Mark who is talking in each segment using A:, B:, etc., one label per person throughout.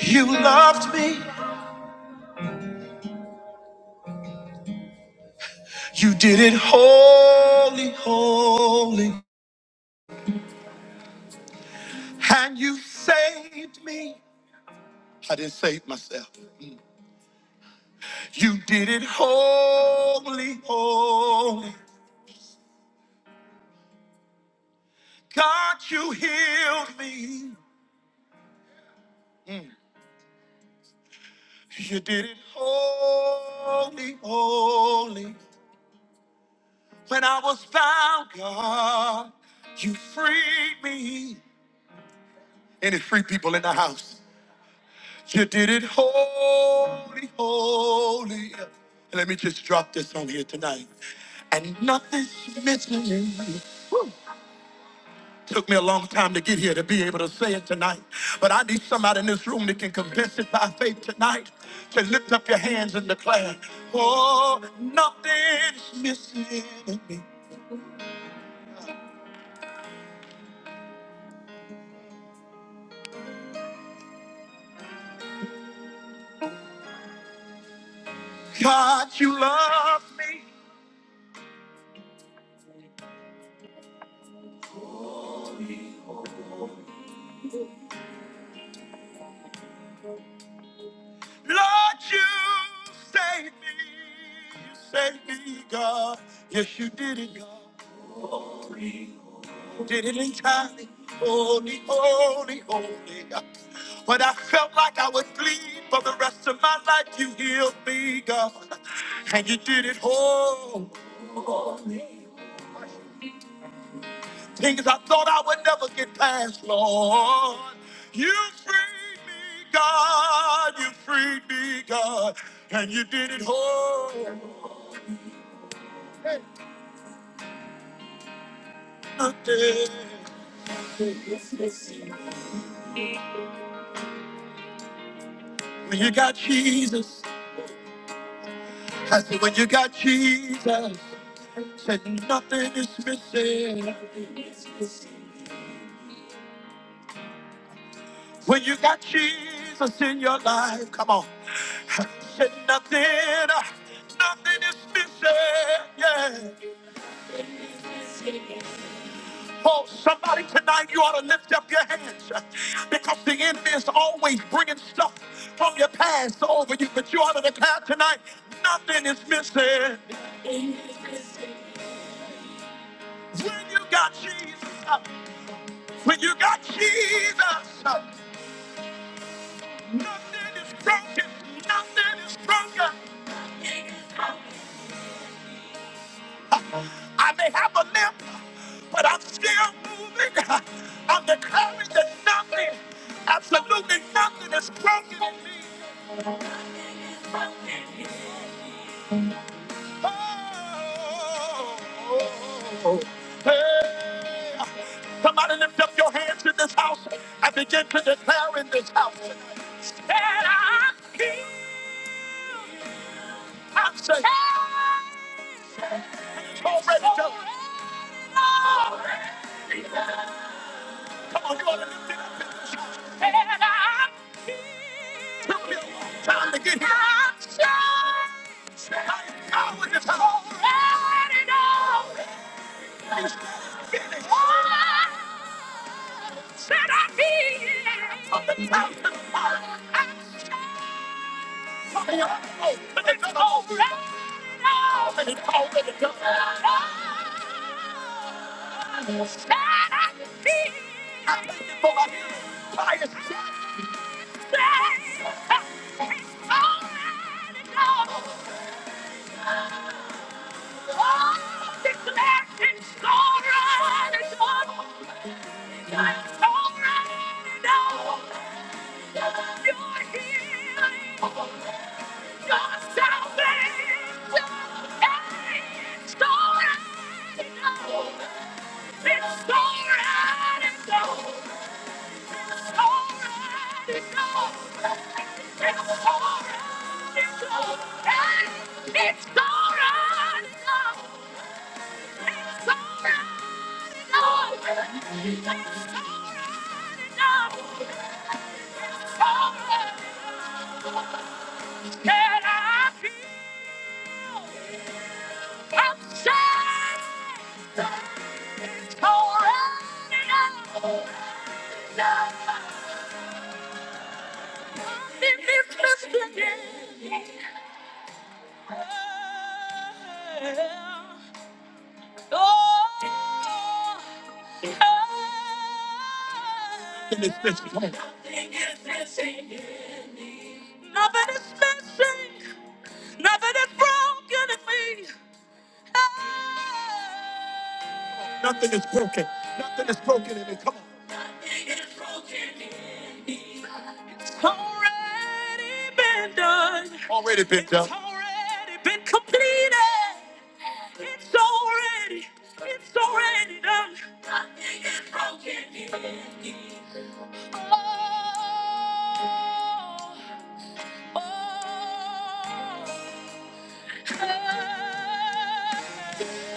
A: You loved me. You did it holy, holy. And you saved me. I didn't save myself. You did it holy, holy. God, you healed me. Mm. You did it holy, holy. When I was found, God, you freed me. Any free people in the house? You did it holy, holy. And Let me just drop this on here tonight. And nothing's missing. Woo. Took me a long time to get here to be able to say it tonight. But I need somebody in this room that can confess it by faith tonight to lift up your hands and declare, Oh, nothing's missing in me. God, you love me. Lord, you saved me. You saved me, God. Yes, you did it, God. Didn't time, holy, holy, holy. When I felt like I would bleed for the rest of my life, you healed me, God. And you did it all. Things I thought I would never get past, Lord. You freed me, God. You freed me, God. And you did it all. When you got Jesus. I said, when you got Jesus, said nothing is missing. When you got Jesus in your life, come on. Said nothing, nothing is missing. Yeah. Oh, somebody tonight, you ought to lift up your hands uh, because the enemy is always bringing stuff from your past over you. But you ought to declare tonight, nothing is missing. When you got Jesus, uh, when you got Jesus, uh, nothing is broken. Nothing is broken. I may have a limp, but I'm still moving. I'm declaring that nothing, absolutely nothing is broken in me. Oh, hey. Somebody lift up your hands in this house and begin to declare in this house. Stand I keep I'm saying it's already done. Come on, you ought to lift it up. Stand up, keep. Took me a long time to get here. I'm saying I know in this house. Already know. It's finished. Said I be on the mountain top. I shall be on the road, but it's already done. And it's already done. Said I be- I'm looking for my fire to set. said, it's already done. Oh, declare it's already done. It's already done. It's alright enough. It's alright. Can I? be I'm sad. All right, no, no. I'm in this Christian game. Oh, oh, oh. Nothing is Oh, missing. Nothing is missing, nothing is broken in me. Nothing is broken. Nothing is broken in it. Come on. Already been done. It's already. It's already done. Oh,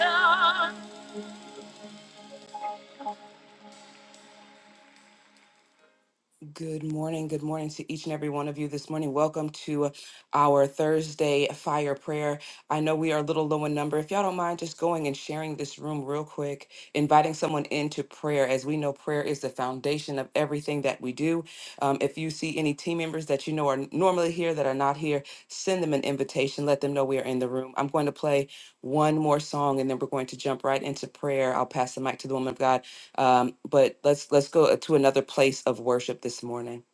A: oh, oh. Good morning. Good morning to each and every one of you this morning. Welcome to our Thursday fire prayer. I know we are a little low in number. If y'all don't mind just going and sharing this room real quick, inviting someone into prayer. As we know, prayer is the foundation of everything that we do. Um, if you see any team members that you know are normally here that are not here, send them an invitation. Let them know we are in the room. I'm going to play one more song and then we're going to jump right into prayer. I'll pass the mic to the woman of God. Um, but let's let's go to another place of worship this morning.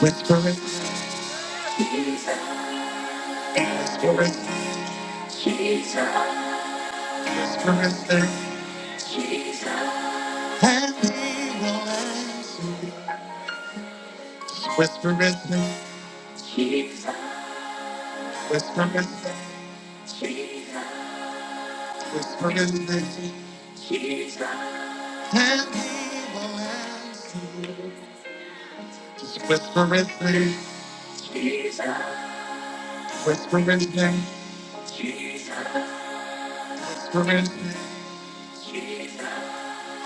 A: Whisper it, whisper it, Jesus. Whisper it, there, Jesus. And he will answer. Whisper it, there, Jesus. Whisper it, there, Jesus. Whisper it, there, Jesus. And he will answer. Just whisper it, there, whisper it, there, whisper it, there,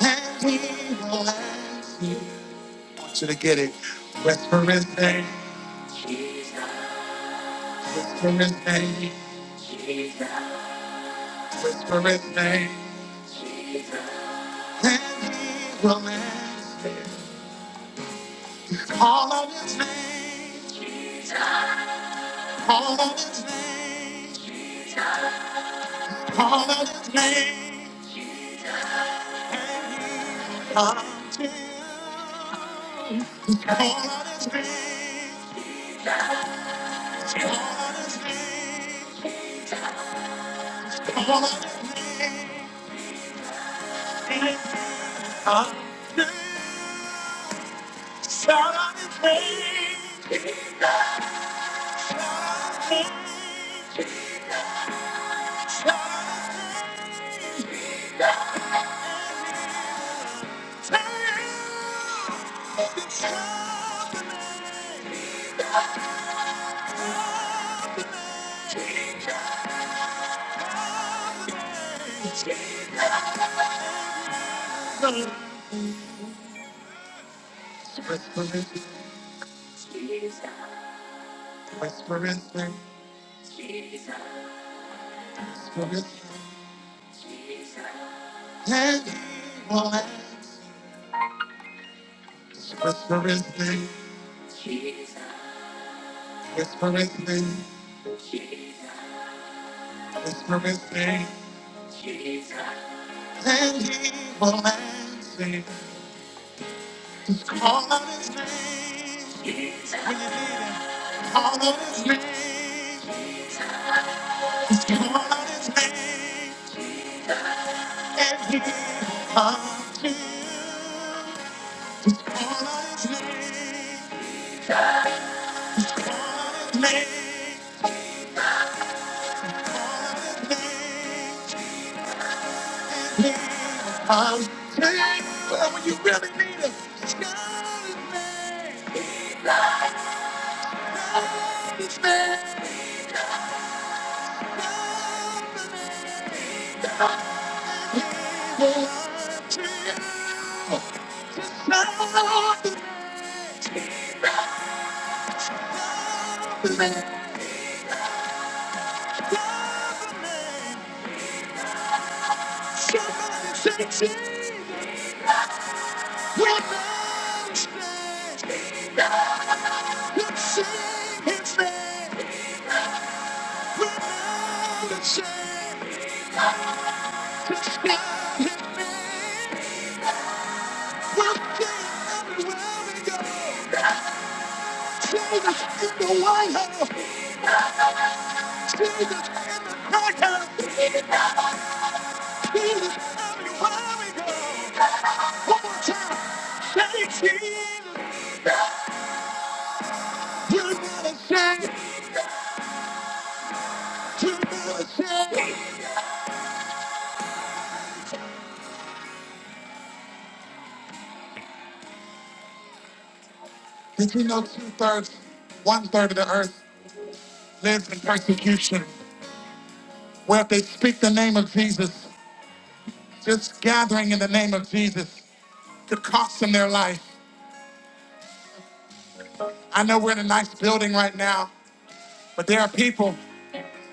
A: and he will answer. I want you to get it. Whisper his name, whisper his name, whisper his name, and he will answer. Call on his name, call on his name, call on his name, and he will come to you. Call on his name, call on his name, call on his name, come to you. Shout out his name. It's time to pray. It's time to pray. Jesus, whisper His name. Jesus, whisper His name. Jesus, whisper His name. Jesus, whisper His name. Jesus, whisper His name. Jesus, whisper His name. Let Him hold us. Jesus, whisper His name. Jesus, whisper His name. Jesus, whisper His name. Let Him hold us tight. Call on his name when you need him. Call on his name. Just call on his name and he will come to you. Call on his name. Call on his name. Call on his name and he will come to you. But when you really need him, just call his name. Call his name. Call his name. That's all that's in the White House. See that in the White House. Did you know two thirds, one third of the earth lives in persecution? Where if they speak the name of Jesus, just gathering in the name of Jesus could cost them their life. I know we're in a nice building right now, but there are people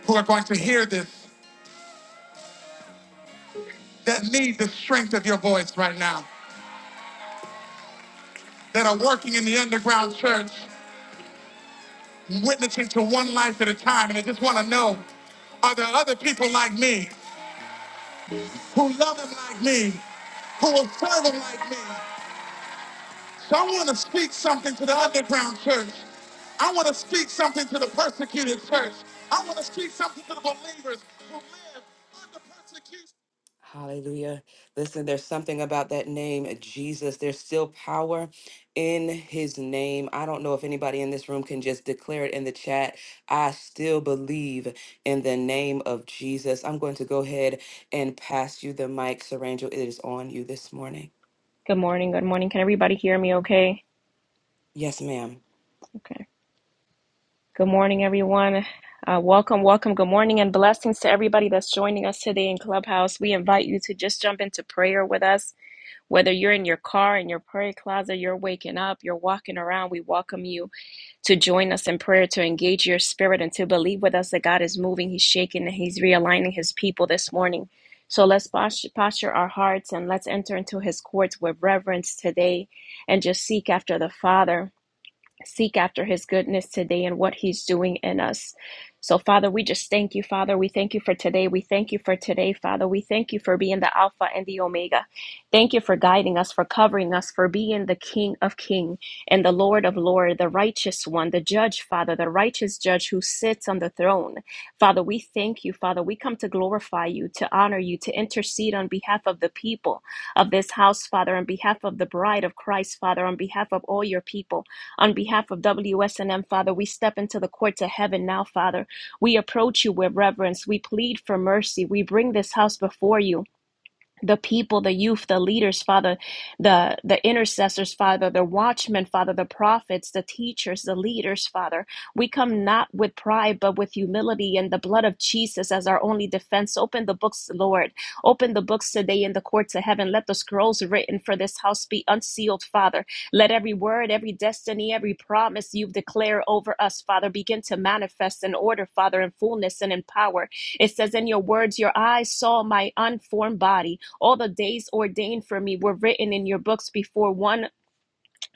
A: who are going to hear this that need the strength of your voice right now, that are working in the underground church. witnessing to one life at a time. And I just want to know, are there other people like me who love him like me, who will serve him like me? So I want to speak something to the underground church. I want to speak something to the persecuted church. I want to speak something to the believers who live under persecution. Hallelujah. Listen, there's something about that name, Jesus. There's still power in his name. I don't know if anybody in this room can just declare it in the chat. I still believe in the name of Jesus. I'm going to go ahead and pass you the mic, Sarangel. It is on you this morning.
B: Good morning. Good morning. Can everybody hear me okay?
A: Yes, ma'am.
B: Okay. Good morning, everyone. Uh, welcome, welcome. Good morning and blessings to everybody that's joining us today in Clubhouse. We invite you to just jump into prayer with us. Whether you're in your car, in your prayer closet, you're waking up, you're walking around, we welcome you to join us in prayer, to engage your spirit, and to believe with us that God is moving, He's shaking, and He's realigning His people this morning. So let's posture, posture our hearts and let's enter into His courts with reverence today and just seek after the Father. seek after his goodness today and what he's doing in us. So, Father, we just thank you, Father. We thank you for today. We thank you for today, Father. We thank you for being the Alpha and the Omega. Thank you for guiding us, for covering us, for being the King of King and the Lord of Lord, the righteous one, the judge, Father, the righteous judge who sits on the throne. Father, we thank you, Father. We come to glorify you, to honor you, to intercede on behalf of the people of this house, Father, on behalf of the bride of Christ, Father, on behalf of all your people. On behalf of WSNM, Father, we step into the courts of heaven now, Father. We approach you with reverence. We plead for mercy. We bring this house before you the people, the youth, the leaders, Father, the, the intercessors, Father, the watchmen, Father, the prophets, the teachers, the leaders, Father. We come not with pride, but with humility and the blood of Jesus as our only defense. Open the books, Lord. Open the books today in the courts of heaven. Let the scrolls written for this house be unsealed, Father. Let every word, every destiny, every promise you've declared over us, Father, begin to manifest in order, Father, in fullness and in power. It says in your words, Your eyes saw my unformed body all the days ordained for me were written in your books before one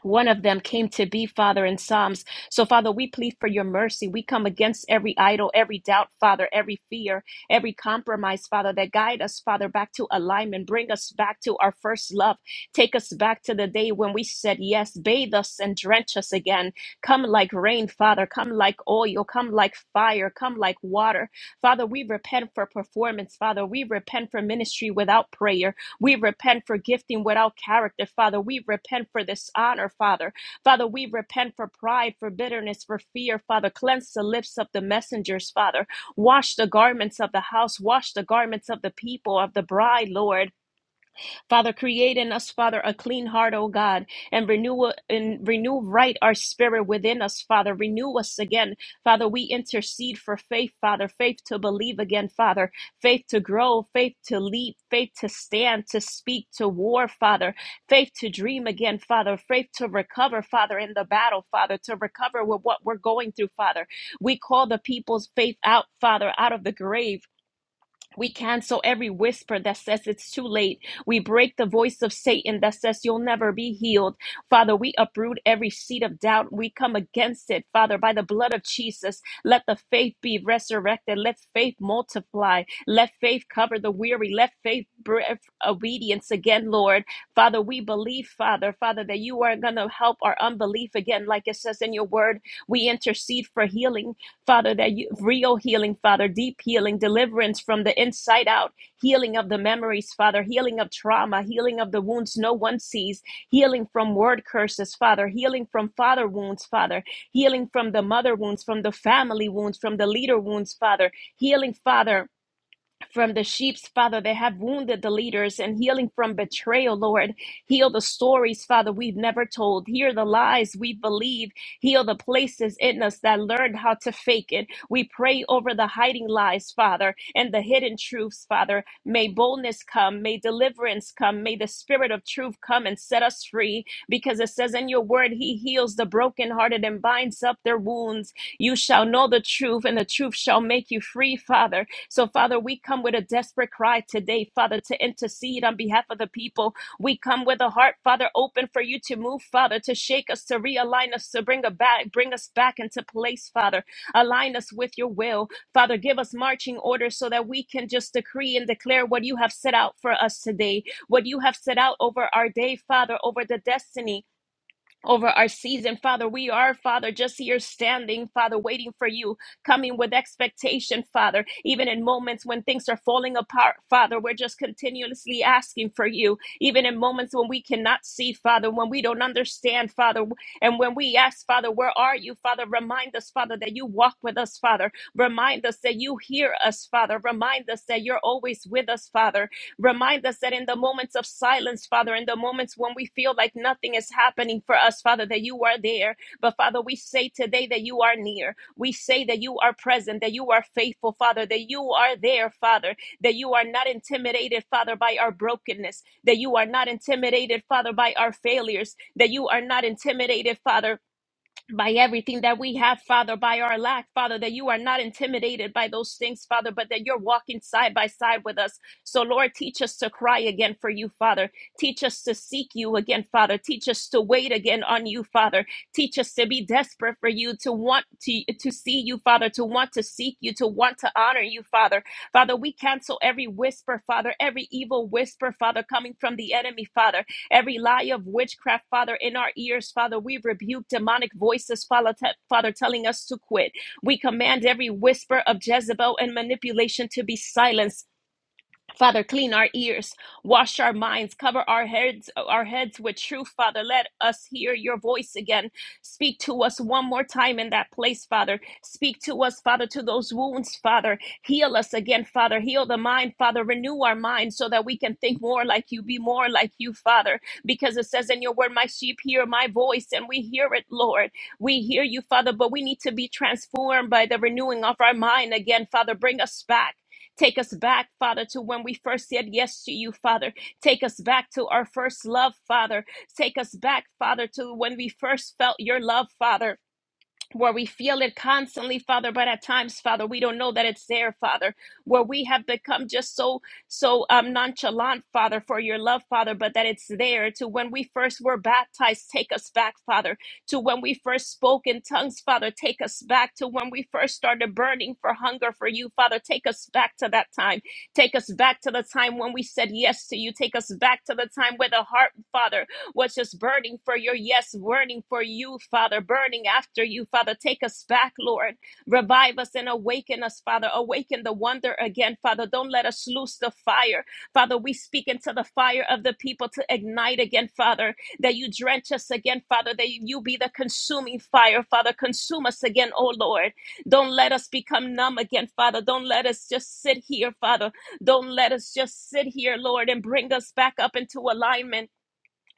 B: one of them came to be father in psalms so father we plead for your mercy we come against every idol every doubt father every fear every compromise father that guide us father back to alignment bring us back to our first love take us back to the day when we said yes bathe us and drench us again come like rain father come like oil come like fire come like water father we repent for performance father we repent for ministry without prayer we repent for gifting without character, Father. We repent for dishonor, Father. Father, we repent for pride, for bitterness, for fear, Father. Cleanse the lips of the messengers, Father. Wash the garments of the house. Wash the garments of the people, of the bride, Lord. Father, create in us, Father, a clean heart, O God, and renew and renew right our spirit within us, Father. Renew us again. Father, we intercede for faith, Father, faith to believe again, Father, faith to grow, faith to leap, faith to stand, to speak, to war, Father, faith to dream again, Father, faith to recover, Father, in the battle, Father, to recover with what we're going through, Father. We call the people's faith out, Father, out of the grave. We cancel every whisper that says it's too late. We break the voice of Satan that says you'll never be healed. Father, we uproot every seed of doubt. We come against it, Father, by the blood of Jesus. Let the faith be resurrected. Let faith multiply. Let faith cover the weary. Let faith breath obedience again, Lord. Father, we believe, Father, Father, that you are going to help our unbelief again, like it says in your word. We intercede for healing. Father, that you, real healing, Father, deep healing, deliverance from the inside out, healing of the memories, Father, healing of trauma, healing of the wounds no one sees, healing from word curses, Father, healing from father wounds, Father, healing from the mother wounds, from the family wounds, from the leader wounds, Father, healing, Father from the sheep's father that have wounded the leaders and healing from betrayal, Lord. Heal the stories, Father, we've never told. Heal the lies we believe. Heal the places in us that learned how to fake it. We pray over the hiding lies, Father, and the hidden truths, Father. May boldness come. May deliverance come. May the spirit of truth come and set us free because it says in your word, He heals the brokenhearted and binds up their wounds. You shall know the truth, and the truth shall make you free, Father. So, Father, we come with a desperate cry today, Father, to intercede on behalf of the people. We come with a heart, Father, open for you to move, Father, to shake us, to realign us, to bring, a back, bring us back into place, Father. Align us with your will. Father, give us marching orders so that we can just decree and declare what you have set out for us today, what you have set out over our day, Father, over the destiny over our season. Father, we are, Father, just here standing, Father, waiting for you, coming with expectation, Father. Even in moments when things are falling apart, Father, we're just continuously asking for you. Even in moments when we cannot see, Father, when we don't understand, Father, and when we ask, Father, where are you, Father, remind us, Father, that you walk with us, Father. Remind us that you hear us, Father. Remind us that you're always with us, Father. Remind us that in the moments of silence, Father, in the moments when we feel like nothing is happening for us, Father, that you are there. But Father, we say today that you are near. We say that you are present, that you are faithful, Father, that you are there, Father, that you are not intimidated, Father, by our brokenness, that you are not intimidated, Father, by our failures, that you are not intimidated, Father by everything that we have, Father, by our lack, Father, that you are not intimidated by those things, Father, but that you're walking side by side with us. So, Lord, teach us to cry again for you, Father. Teach us to seek you again, Father. Teach us to wait again on you, Father. Teach us to be desperate for you, to want to, to see you, Father, to want to seek you, to want to honor you, Father. Father, we cancel every whisper, Father, every evil whisper, Father, coming from the enemy, Father. Every lie of witchcraft, Father, in our ears, Father, we rebuke demonic voices, Father, te- Father telling us to quit. We command every whisper of Jezebel and manipulation to be silenced Father, clean our ears, wash our minds, cover our heads, our heads with truth, Father. Let us hear your voice again. Speak to us one more time in that place, Father. Speak to us, Father, to those wounds, Father. Heal us again, Father. Heal the mind, Father. Renew our mind so that we can think more like you, be more like you, Father. Because it says in your word, My sheep hear my voice, and we hear it, Lord. We hear you, Father, but we need to be transformed by the renewing of our mind again, Father. Bring us back. Take us back, Father, to when we first said yes to you, Father. Take us back to our first love, Father. Take us back, Father, to when we first felt your love, Father where we feel it constantly, Father, but at times, Father, we don't know that it's there, Father, where we have become just so, so um, nonchalant, Father, for your love, Father, but that it's there to when we first were baptized, take us back, Father, to when we first spoke in tongues, Father, take us back to when we first started burning for hunger for you, Father, take us back to that time. Take us back to the time when we said yes to you. Take us back to the time with a heart, Father, What's just burning for your yes, burning for you, Father, burning after you, Father. Take us back, Lord. Revive us and awaken us, Father. Awaken the wonder again, Father. Don't let us lose the fire. Father, we speak into the fire of the people to ignite again, Father, that you drench us again, Father, that you be the consuming fire, Father. Consume us again, oh Lord. Don't let us become numb again, Father. Don't let us just sit here, Father. Don't let us just sit here, Lord, and bring us back up into alignment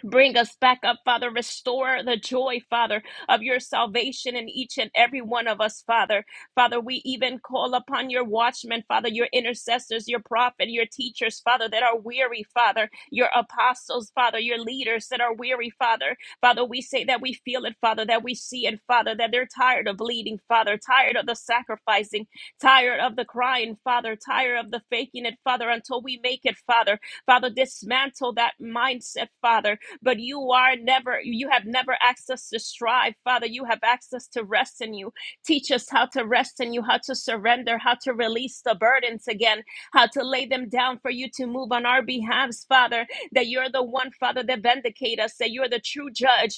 B: Bring us back up, Father. Restore the joy, Father, of your salvation in each and every one of us, Father. Father, we even call upon your watchmen, Father, your intercessors, your prophet, your teachers, Father, that are weary, Father, your apostles, Father, your leaders that are weary, Father. Father, we say that we feel it, Father, that we see it, Father, that they're tired of bleeding, Father, tired of the sacrificing, tired of the crying, Father, tired of the faking it, Father, until we make it, Father. Father, dismantle that mindset, Father but you are never, you have never asked us to strive. Father, you have asked us to rest in you. Teach us how to rest in you, how to surrender, how to release the burdens again, how to lay them down for you to move on our behalves, Father, that you're the one, Father, that vindicate us, that you're the true judge,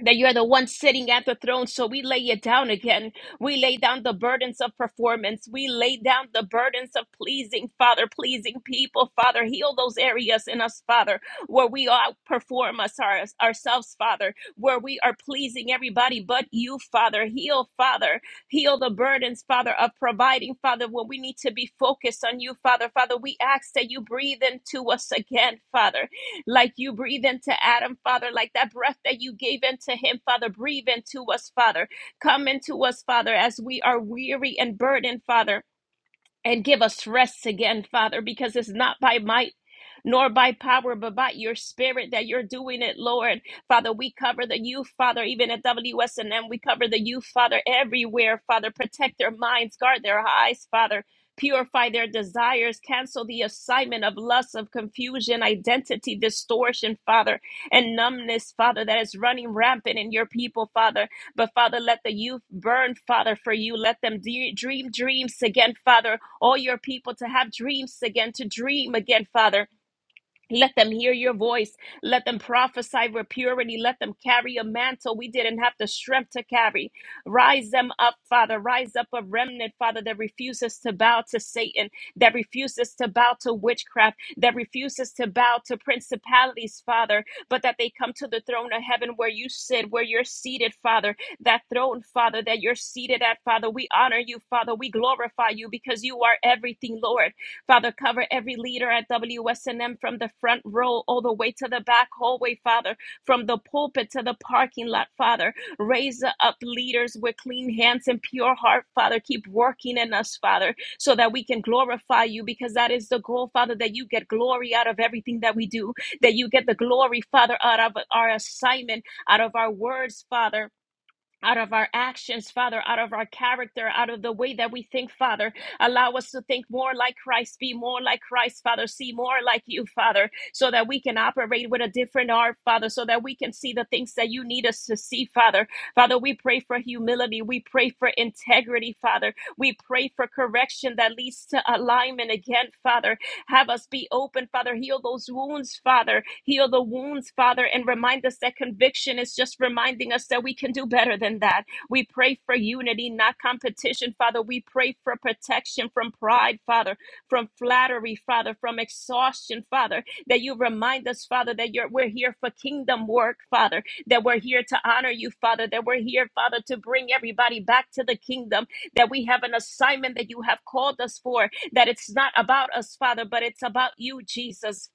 B: that you are the one sitting at the throne. So we lay it down again. We lay down the burdens of performance. We lay down the burdens of pleasing, Father, pleasing people, Father. Heal those areas in us, Father, where we outperform us our, ourselves, Father, where we are pleasing everybody but you, Father. Heal, Father. Heal the burdens, Father, of providing, Father, when we need to be focused on you, Father. Father, we ask that you breathe into us again, Father like you breathe into Adam, Father, like that breath that you gave into him, Father, breathe into us, Father. Come into us, Father, as we are weary and burdened, Father and give us rest again, Father, because it's not by might nor by power, but by your spirit that you're doing it, Lord. Father, we cover the youth, Father, even at WSNM, we cover the youth, Father, everywhere, Father. Protect their minds, guard their eyes, Father. Purify their desires, cancel the assignment of lust, of confusion, identity distortion, Father, and numbness, Father, that is running rampant in your people, Father. But Father, let the youth burn, Father, for you. Let them de- dream dreams again, Father, all your people to have dreams again, to dream again, Father, let them hear your voice. Let them prophesy with purity. Let them carry a mantle we didn't have the strength to carry. Rise them up, Father. Rise up a remnant, Father, that refuses to bow to Satan, that refuses to bow to witchcraft, that refuses to bow to principalities, Father, but that they come to the throne of heaven where you sit, where you're seated, Father. That throne, Father, that you're seated at, Father. We honor you, Father. We glorify you because you are everything, Lord. Father, cover every leader at WSNM from the front row all the way to the back hallway, Father, from the pulpit to the parking lot, Father. Raise up leaders with clean hands and pure heart, Father. Keep working in us, Father, so that we can glorify you because that is the goal, Father, that you get glory out of everything that we do, that you get the glory, Father, out of our assignment, out of our words, Father out of our actions, Father, out of our character, out of the way that we think, Father. Allow us to think more like Christ, be more like Christ, Father, see more like you, Father, so that we can operate with a different heart, Father, so that we can see the things that you need us to see, Father. Father, we pray for humility. We pray for integrity, Father. We pray for correction that leads to alignment again, Father. Have us be open, Father. Heal those wounds, Father Heal the wounds, Father, and remind us that conviction is just reminding us that we can do better than that. We pray for unity, not competition, Father. We pray for protection from pride, Father, from flattery, Father, from exhaustion, Father. That you remind us, Father, that you're, we're here for kingdom work, Father. That we're here to honor you, Father. That we're here, Father, to bring everybody back to the kingdom. That we have an assignment that you have called us for. That it's not about us, Father, but it's about you, Jesus.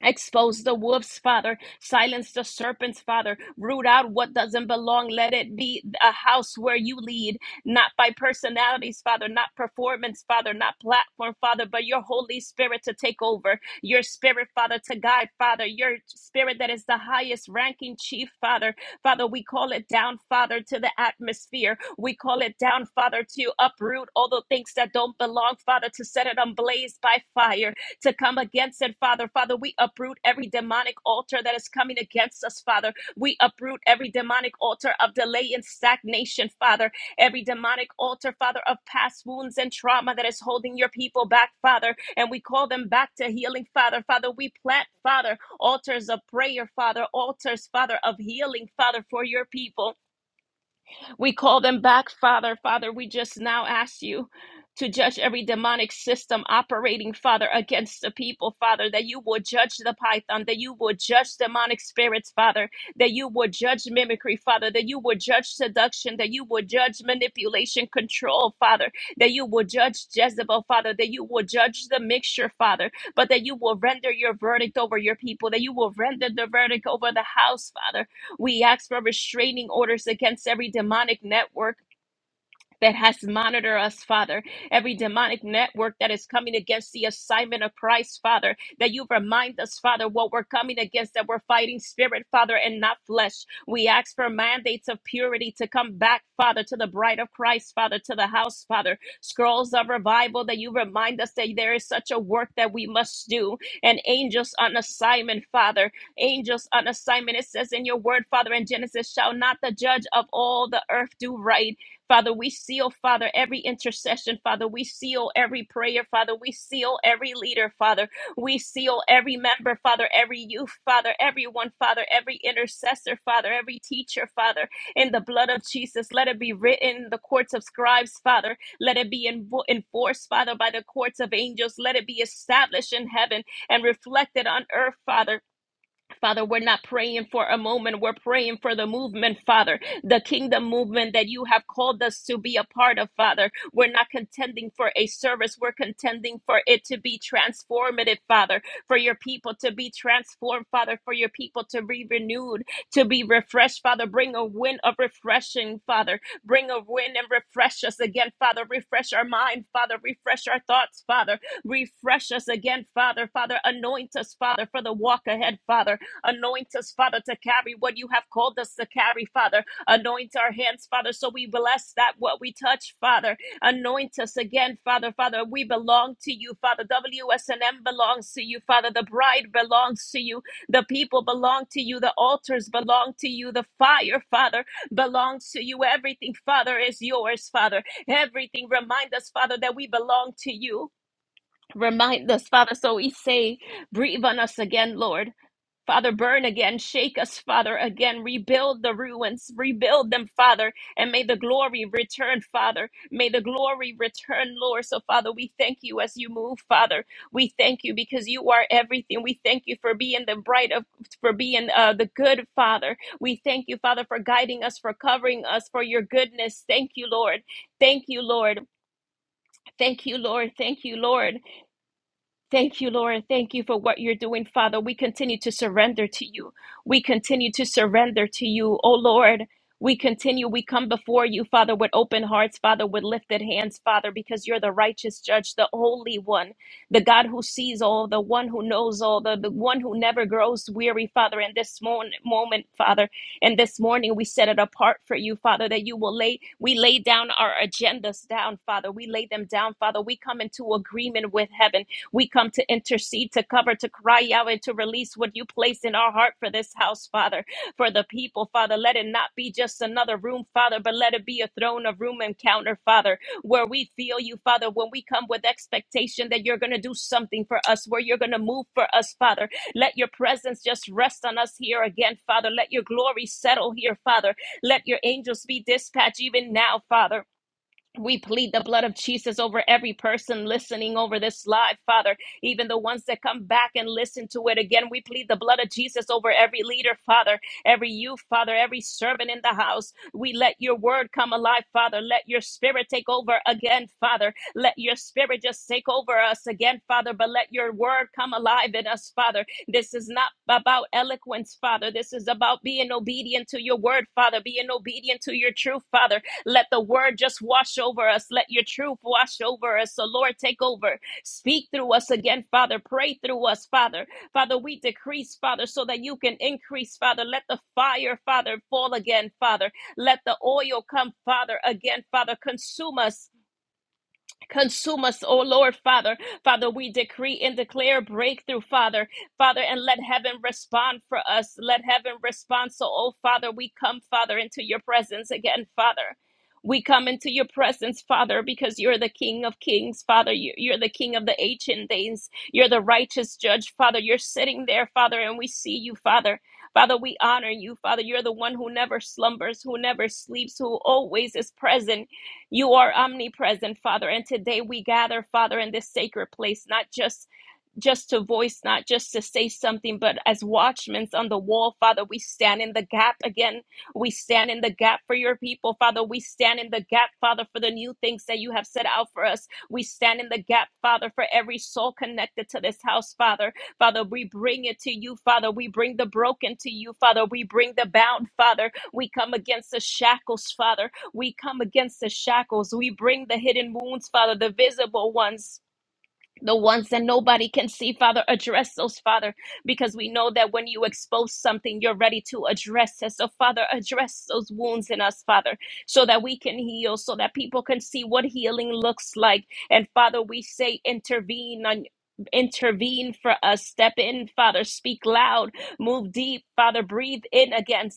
B: Expose the wolves, Father. Silence the serpents, Father. Root out what doesn't belong. Let it be a house where you lead, not by personalities, Father, not performance, Father, not platform, Father, but your Holy Spirit to take over. Your Spirit, Father, to guide, Father. Your Spirit that is the highest ranking chief, Father. Father, we call it down, Father, to the atmosphere. We call it down, Father, to uproot all the things that don't belong, Father, to set it on blaze by fire to come against it, Father. Father, we uproot every demonic altar that is coming against us, Father. We uproot every demonic altar of delay and stagnation, Father. Every demonic altar, Father, of past wounds and trauma that is holding your people back, Father. And we call them back to healing, Father. Father, we plant, Father, altars of prayer, Father, altars, Father, of healing, Father, for your people. We call them back, Father. Father, we just now ask you to judge every demonic system operating, Father, against the people, Father, that you will judge the python, that you will judge demonic spirits, Father, that you will judge mimicry, Father, that you will judge seduction, that you will judge manipulation, control, Father, that you will judge Jezebel, Father, that you will judge the mixture, Father, but that you will render your verdict over your people, that you will render the verdict over the house, Father, we ask for restraining orders against every demonic network that has monitored us, Father. Every demonic network that is coming against the assignment of Christ, Father, that you remind us, Father, what we're coming against, that we're fighting spirit, Father, and not flesh. We ask for mandates of purity to come back, Father, to the bride of Christ, Father, to the house, Father. Scrolls of revival that you remind us that there is such a work that we must do, and angels on assignment, Father. Angels on assignment, it says in your word, Father, in Genesis, shall not the judge of all the earth do right? Father, we seal, Father, every intercession, Father. We seal every prayer, Father. We seal every leader, Father. We seal every member, Father, every youth, Father, everyone, Father, every intercessor, Father, every teacher, Father, in the blood of Jesus. Let it be written in the courts of scribes, Father. Let it be envo- enforced, Father, by the courts of angels. Let it be established in heaven and reflected on earth, Father. Father, we're not praying for a moment. We're praying for the movement, Father, the kingdom movement that you have called us to be a part of, Father. We're not contending for a service. We're contending for it to be transformative, Father, for your people to be transformed, Father, for your people to be renewed, to be refreshed, Father. Bring a wind of refreshing, Father. Bring a wind and refresh us again, Father. Refresh our mind, Father. Refresh our thoughts, Father. Refresh us again, Father. Father, anoint us, Father, for the walk ahead, Father. Anoint us, Father, to carry what you have called us to carry, Father. Anoint our hands, Father, so we bless that what we touch, Father. Anoint us again, Father. Father, we belong to you, Father. WSNM belongs to you, Father. The bride belongs to you. The people belong to you. The altars belong to you. The fire, Father, belongs to you. Everything, Father, is yours, Father. Everything. Remind us, Father, that we belong to you. Remind us, Father, so we say, breathe on us again, Lord. Father, burn again, shake us, Father, again, rebuild the ruins, rebuild them, Father, and may the glory return, Father. May the glory return, Lord. So, Father, we thank you as you move, Father. We thank you because you are everything. We thank you for being the bright of, for being uh, the good, Father. We thank you, Father, for guiding us, for covering us, for your goodness. Thank you, Lord. Thank you, Lord. Thank you, Lord. Thank you, Lord. Thank you, Lord. Thank you for what you're doing, Father. We continue to surrender to you. We continue to surrender to you, oh Lord. We continue, we come before you, Father, with open hearts, Father, with lifted hands, Father, because you're the righteous judge, the holy one, the God who sees all, the one who knows all, the, the one who never grows weary, Father. In this mon- moment, Father, and this morning we set it apart for you, Father, that you will lay, we lay down our agendas down, Father. We lay them down, Father. We come into agreement with heaven. We come to intercede, to cover, to cry out, and to release what you place in our heart for this house, Father, for the people, Father. Let it not be just another room, Father, but let it be a throne of room encounter, Father, where we feel you, Father, when we come with expectation that you're going to do something for us, where you're going to move for us, Father. Let your presence just rest on us here again, Father. Let your glory settle here, Father. Let your angels be dispatched even now, Father. We plead the blood of Jesus over every person listening over this live, Father, even the ones that come back and listen to it again. We plead the blood of Jesus over every leader, Father, every youth, Father, every servant in the house. We let your word come alive, Father. Let your spirit take over again, Father. Let your spirit just take over us again, Father, but let your word come alive in us, Father. This is not about eloquence, Father. This is about being obedient to your word, Father, being obedient to your truth, Father let the word just wash over us. Let your truth wash over us. So, Lord, take over. Speak through us again, Father. Pray through us, Father. Father, we decrease, Father, so that you can increase, Father. Let the fire, Father, fall again, Father. Let the oil come, Father, again, Father. Consume us Consume us, oh Lord, Father. Father, we decree and declare breakthrough, Father. Father, and let heaven respond for us. Let heaven respond. So, oh Father, we come, Father, into your presence again, Father. We come into your presence, Father, because you're the King of Kings, Father. You- You're the King of the ancient days. You're the righteous judge, Father. You're sitting there, Father, and we see you, Father. Father, we honor you, Father. You're the one who never slumbers, who never sleeps, who always is present. You are omnipresent, Father. And today we gather, Father, in this sacred place, not just just to voice, not just to say something, but as watchmen on the wall, Father, we stand in the gap again. We stand in the gap for your people, Father. We stand in the gap, Father, for the new things that you have set out for us. We stand in the gap, Father, for every soul connected to this house, Father. Father, we bring it to you, Father. We bring the broken to you, Father. We bring the bound, Father. We come against the shackles, Father. We come against the shackles. We bring the hidden wounds, Father, the visible ones the ones that nobody can see, Father, address those, Father, because we know that when you expose something, you're ready to address it. So, Father, address those wounds in us, Father, so that we can heal, so that people can see what healing looks like. And, Father, we say, intervene on. Intervene for us, step in, Father, speak loud, move deep, Father, breathe in again,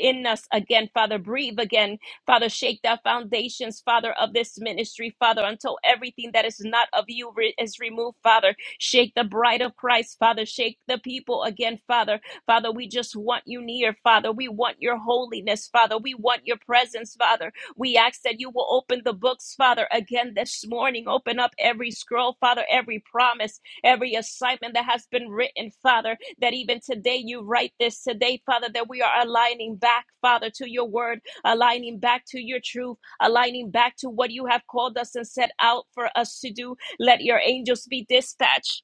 B: in us again, Father, breathe again, Father, shake the foundations, Father, of this ministry, Father, until everything that is not of you re- is removed, Father. Shake the bride of Christ, Father. Shake the people again, Father. Father, we just want you near, Father. We want your holiness, Father. We want your presence, Father. We ask that you will open the books, Father, again this morning. Open up every scroll, Father, every promise, every assignment that has been written, Father, that even today you write this today, Father, that we are aligning back, Father, to your word aligning back to your truth, aligning back to what you have called us and set out for us to do. Let your angels be dispatched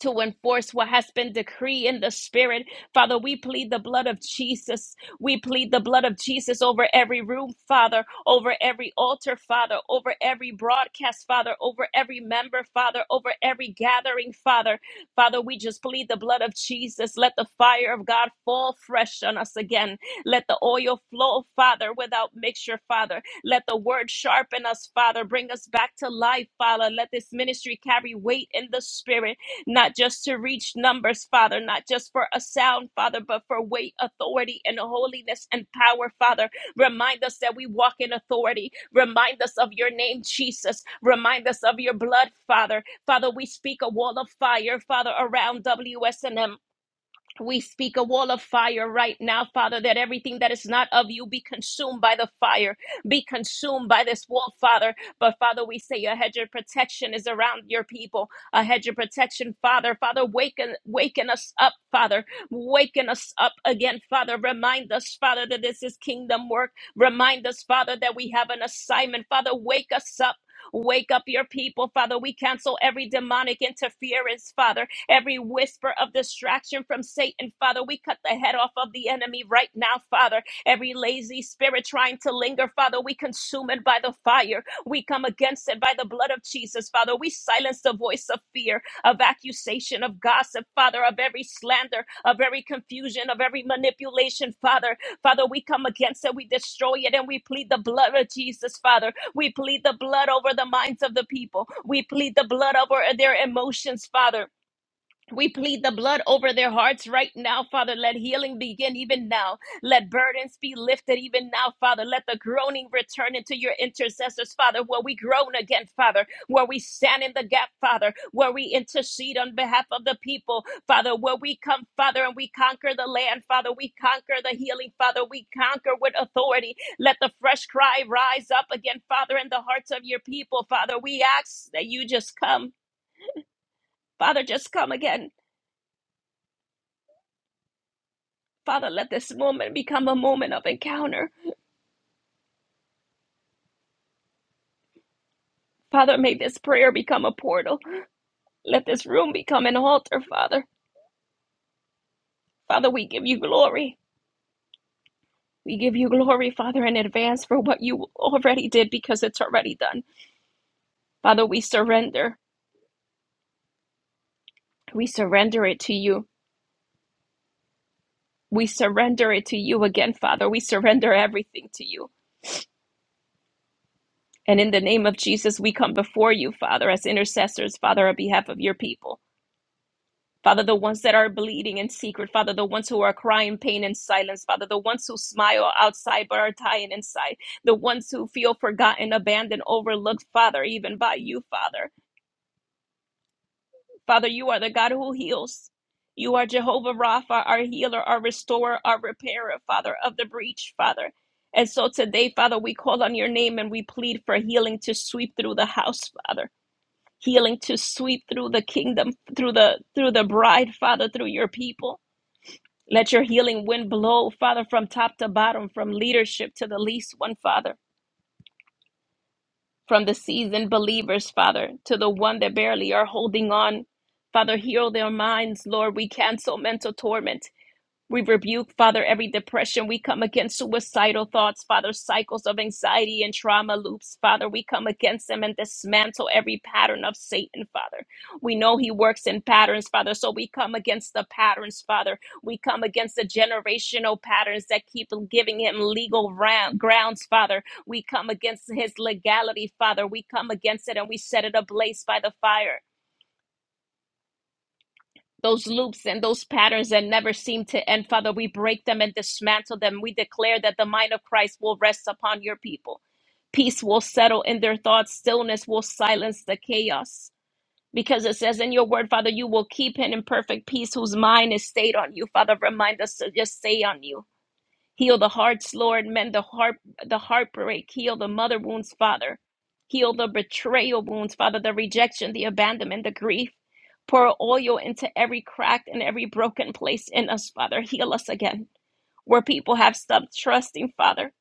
B: to enforce what has been decreed in the spirit. Father, we plead the blood of Jesus. We plead the blood of Jesus over every room, Father, over every altar, Father, over every broadcast, Father, over every member, Father, over every gathering, Father. Father, we just plead the blood of Jesus. Let the fire of God fall fresh on us again. Let the oil flow, Father, without mixture, Father. Let the word sharpen us, Father. Bring us back to life, Father. Let this ministry carry weight in the spirit not just to reach numbers, Father, not just for a sound, Father, but for weight, authority, and holiness and power, Father. Remind us that we walk in authority. Remind us of your name, Jesus. Remind us of your blood, Father. Father, we speak a wall of fire, Father, around WSNM. We speak a wall of fire right now, Father, that everything that is not of you be consumed by the fire, be consumed by this wall, Father. But Father, we say a hedge of protection is around your people, a hedge of protection, Father. Father, waken, waken us up, Father, waken us up again, Father. Remind us, Father, that this is kingdom work. Remind us, Father, that we have an assignment. Father, wake us up. Wake up your people, Father. We cancel every demonic interference, Father every whisper of distraction from Satan, Father. We cut the head off of the enemy right now, Father. Every lazy spirit trying to linger, Father, we consume it by the fire. We come against it by the blood of Jesus, Father. We silence the voice of fear, of accusation, of gossip, Father, of every slander, of every confusion, of every manipulation, Father. Father, we come against it, we destroy it, and we plead the blood of Jesus, Father. We plead the blood over the minds of the people. We plead the blood over their emotions, Father. We plead the blood over their hearts right now, Father. Let healing begin even now. Let burdens be lifted even now, Father. Let the groaning return into your intercessors, Father, where we groan again, Father, where we stand in the gap, Father, where we intercede on behalf of the people, Father, where we come, Father, and we conquer the land, Father. We conquer the healing, Father. We conquer with authority. Let the fresh cry rise up again, Father, in the hearts of your people, Father. We ask that you just come, Father, just come again. Father, let this moment become a moment of encounter. Father, may this prayer become a portal. Let this room become an altar, Father. Father, we give you glory. We give you glory, Father, in advance for what you already did because it's already done. Father, we surrender. We surrender it to you. We surrender it to you again, Father. We surrender everything to you. And in the name of Jesus, we come before you, Father, as intercessors, Father, on behalf of your people. Father, the ones that are bleeding in secret, Father, the ones who are crying pain in silence, Father, the ones who smile outside but are dying inside, the ones who feel forgotten, abandoned, overlooked, Father, even by you, Father. Father, you are the God who heals. You are Jehovah Rapha, our healer, our restorer, our repairer, Father, of the breach, Father. And so today, Father, we call on your name and we plead for healing to sweep through the house, Father. Healing to sweep through the kingdom, through the through the bride, Father, through your people. Let your healing wind blow, Father, from top to bottom, from leadership to the least one, Father, from the seasoned believers, Father, to the one that barely are holding on. Father, heal their minds, Lord. We cancel mental torment. We rebuke, Father, every depression. We come against suicidal thoughts, Father, cycles of anxiety and trauma loops, Father. We come against them and dismantle every pattern of Satan, Father. We know he works in patterns, Father, so we come against the patterns, Father. We come against the generational patterns that keep giving him legal round, grounds, Father. We come against his legality, Father. We come against it and we set it ablaze by the fire those loops and those patterns that never seem to end, Father, we break them and dismantle them. We declare that the mind of Christ will rest upon your people. Peace will settle in their thoughts, stillness will silence the chaos. Because it says in your word, Father, you will keep him in perfect peace whose mind is stayed on you. Father, remind us to just stay on you Heal the hearts, Lord, mend the heart the heartbreak, heal the mother wounds, Father. Heal the betrayal wounds, Father, the rejection, the abandonment, the grief. Pour oil into every cracked and every broken place in us, Father. Heal us again. Where people have stopped trusting, Father,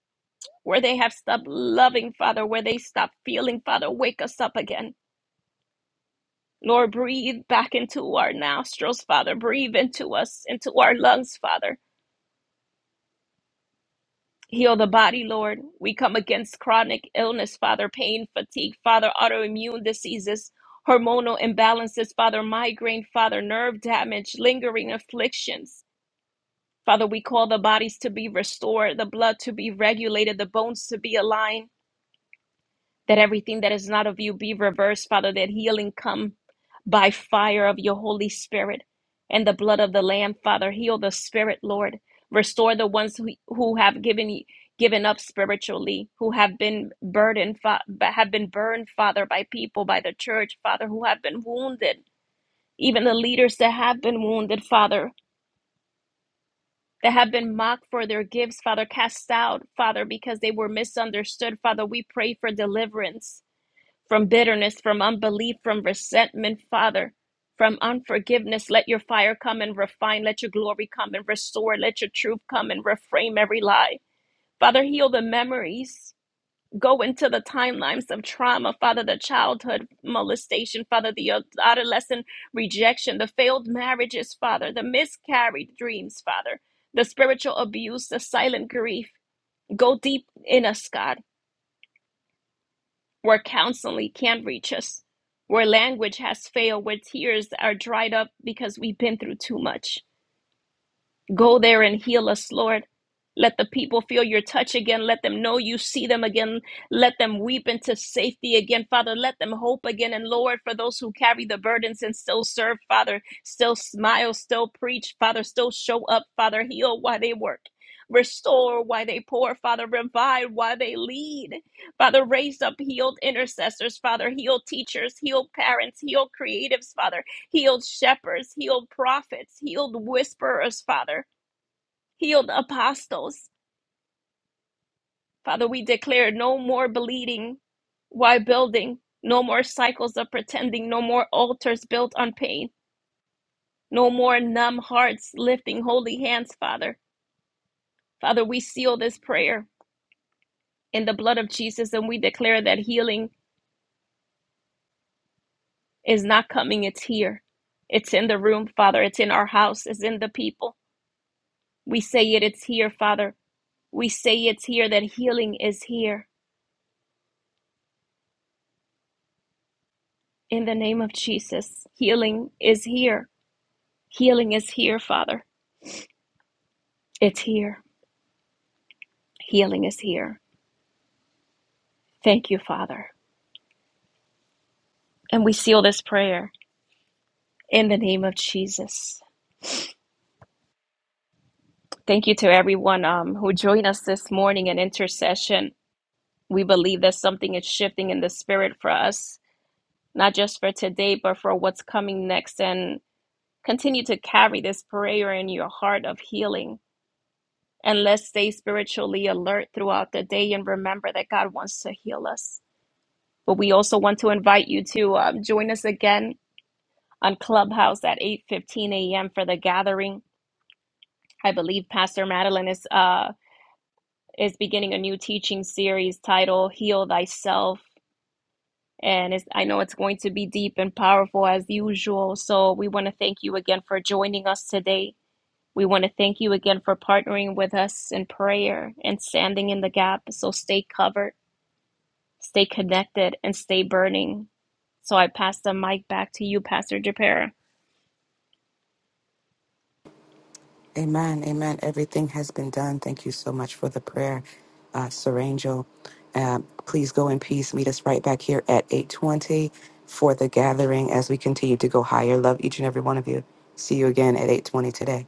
B: where they have stopped loving, Father, where they stopped feeling, Father, wake us up again. Lord, breathe back into our nostrils, Father. Breathe into us, into our lungs, Father Heal the body, Lord. We come against chronic illness, Father, pain, fatigue, Father, autoimmune diseases, hormonal imbalances, Father, migraine, Father, nerve damage, lingering afflictions. Father, we call the bodies to be restored, the blood to be regulated, the bones to be aligned that everything that is not of you be reversed, Father, that healing come by fire of your Holy Spirit and the blood of the Lamb, Father. Heal the spirit, Lord. Restore the ones who, who have given given up spiritually, who have been burdened, fa- have been burned, Father, by people, by the church, Father, who have been wounded. Even the leaders that have been wounded, Father, that have been mocked for their gifts, Father, cast out, Father, because they were misunderstood, Father. We pray for deliverance from bitterness, from unbelief, from resentment, Father, from unforgiveness. Let your fire come and refine. Let your glory come and restore. Let your truth come and reframe every lie. Father, heal the memories. Go into the timelines of trauma, Father, the childhood molestation, Father, the adolescent rejection, the failed marriages, Father, the miscarried dreams, Father, the spiritual abuse, the silent grief. Go deep in us, God where counseling can't reach us, where language has failed, where tears are dried up because we've been through too much. Go there and heal us, Lord. Let the people feel your touch again. Let them know you see them again. Let them weep into safety again, Father. Let them hope again. And Lord, for those who carry the burdens and still serve, Father, still smile, still preach, Father, still show up, Father, heal while they work. Restore while they pour, Father, revive while they lead. Father, raise up healed intercessors, Father, heal teachers, heal parents, heal creatives, Father, healed shepherds, healed prophets, healed whisperers, Father. Heal the apostles. Father, we declare no more bleeding while building, no more cycles of pretending, no more altars built on pain, no more numb hearts lifting holy hands, Father. Father, we seal this prayer in the blood of Jesus and we declare that healing is not coming, it's here. It's in the room, Father. It's in our house. It's in the people. We say it, it's here, Father. We say it's here that healing is here. In the name of Jesus, healing is here. Healing is here, Father. It's here. Healing is here. Thank you, Father. And we seal this prayer in the name of Jesus. Thank you to everyone um, who joined us this morning in intercession. We believe that something is shifting in the spirit for us, not just for today, but for what's coming next. And continue to carry this prayer in your heart of healing. And let's stay spiritually alert throughout the day and remember that God wants to heal us. But we also want to invite you to um, join us again on Clubhouse at 8:15 a.m. for the gathering. I believe Pastor Madeline is uh, is beginning a new teaching series titled "Heal Thyself," and it's, I know it's going to be deep and powerful as usual. So we want to thank you again for joining us today. We want to thank you again for partnering with us in prayer and standing in the gap. So stay covered, stay connected, and stay burning. So I pass the mic back to you, Pastor Japera.
A: Amen. Amen. Everything has been done. Thank you so much for the prayer, uh, Sir Angel. Um, please go in peace. Meet us right back here at 820 for the gathering as we continue to go higher. Love each and every one of you. See you again at 820 today.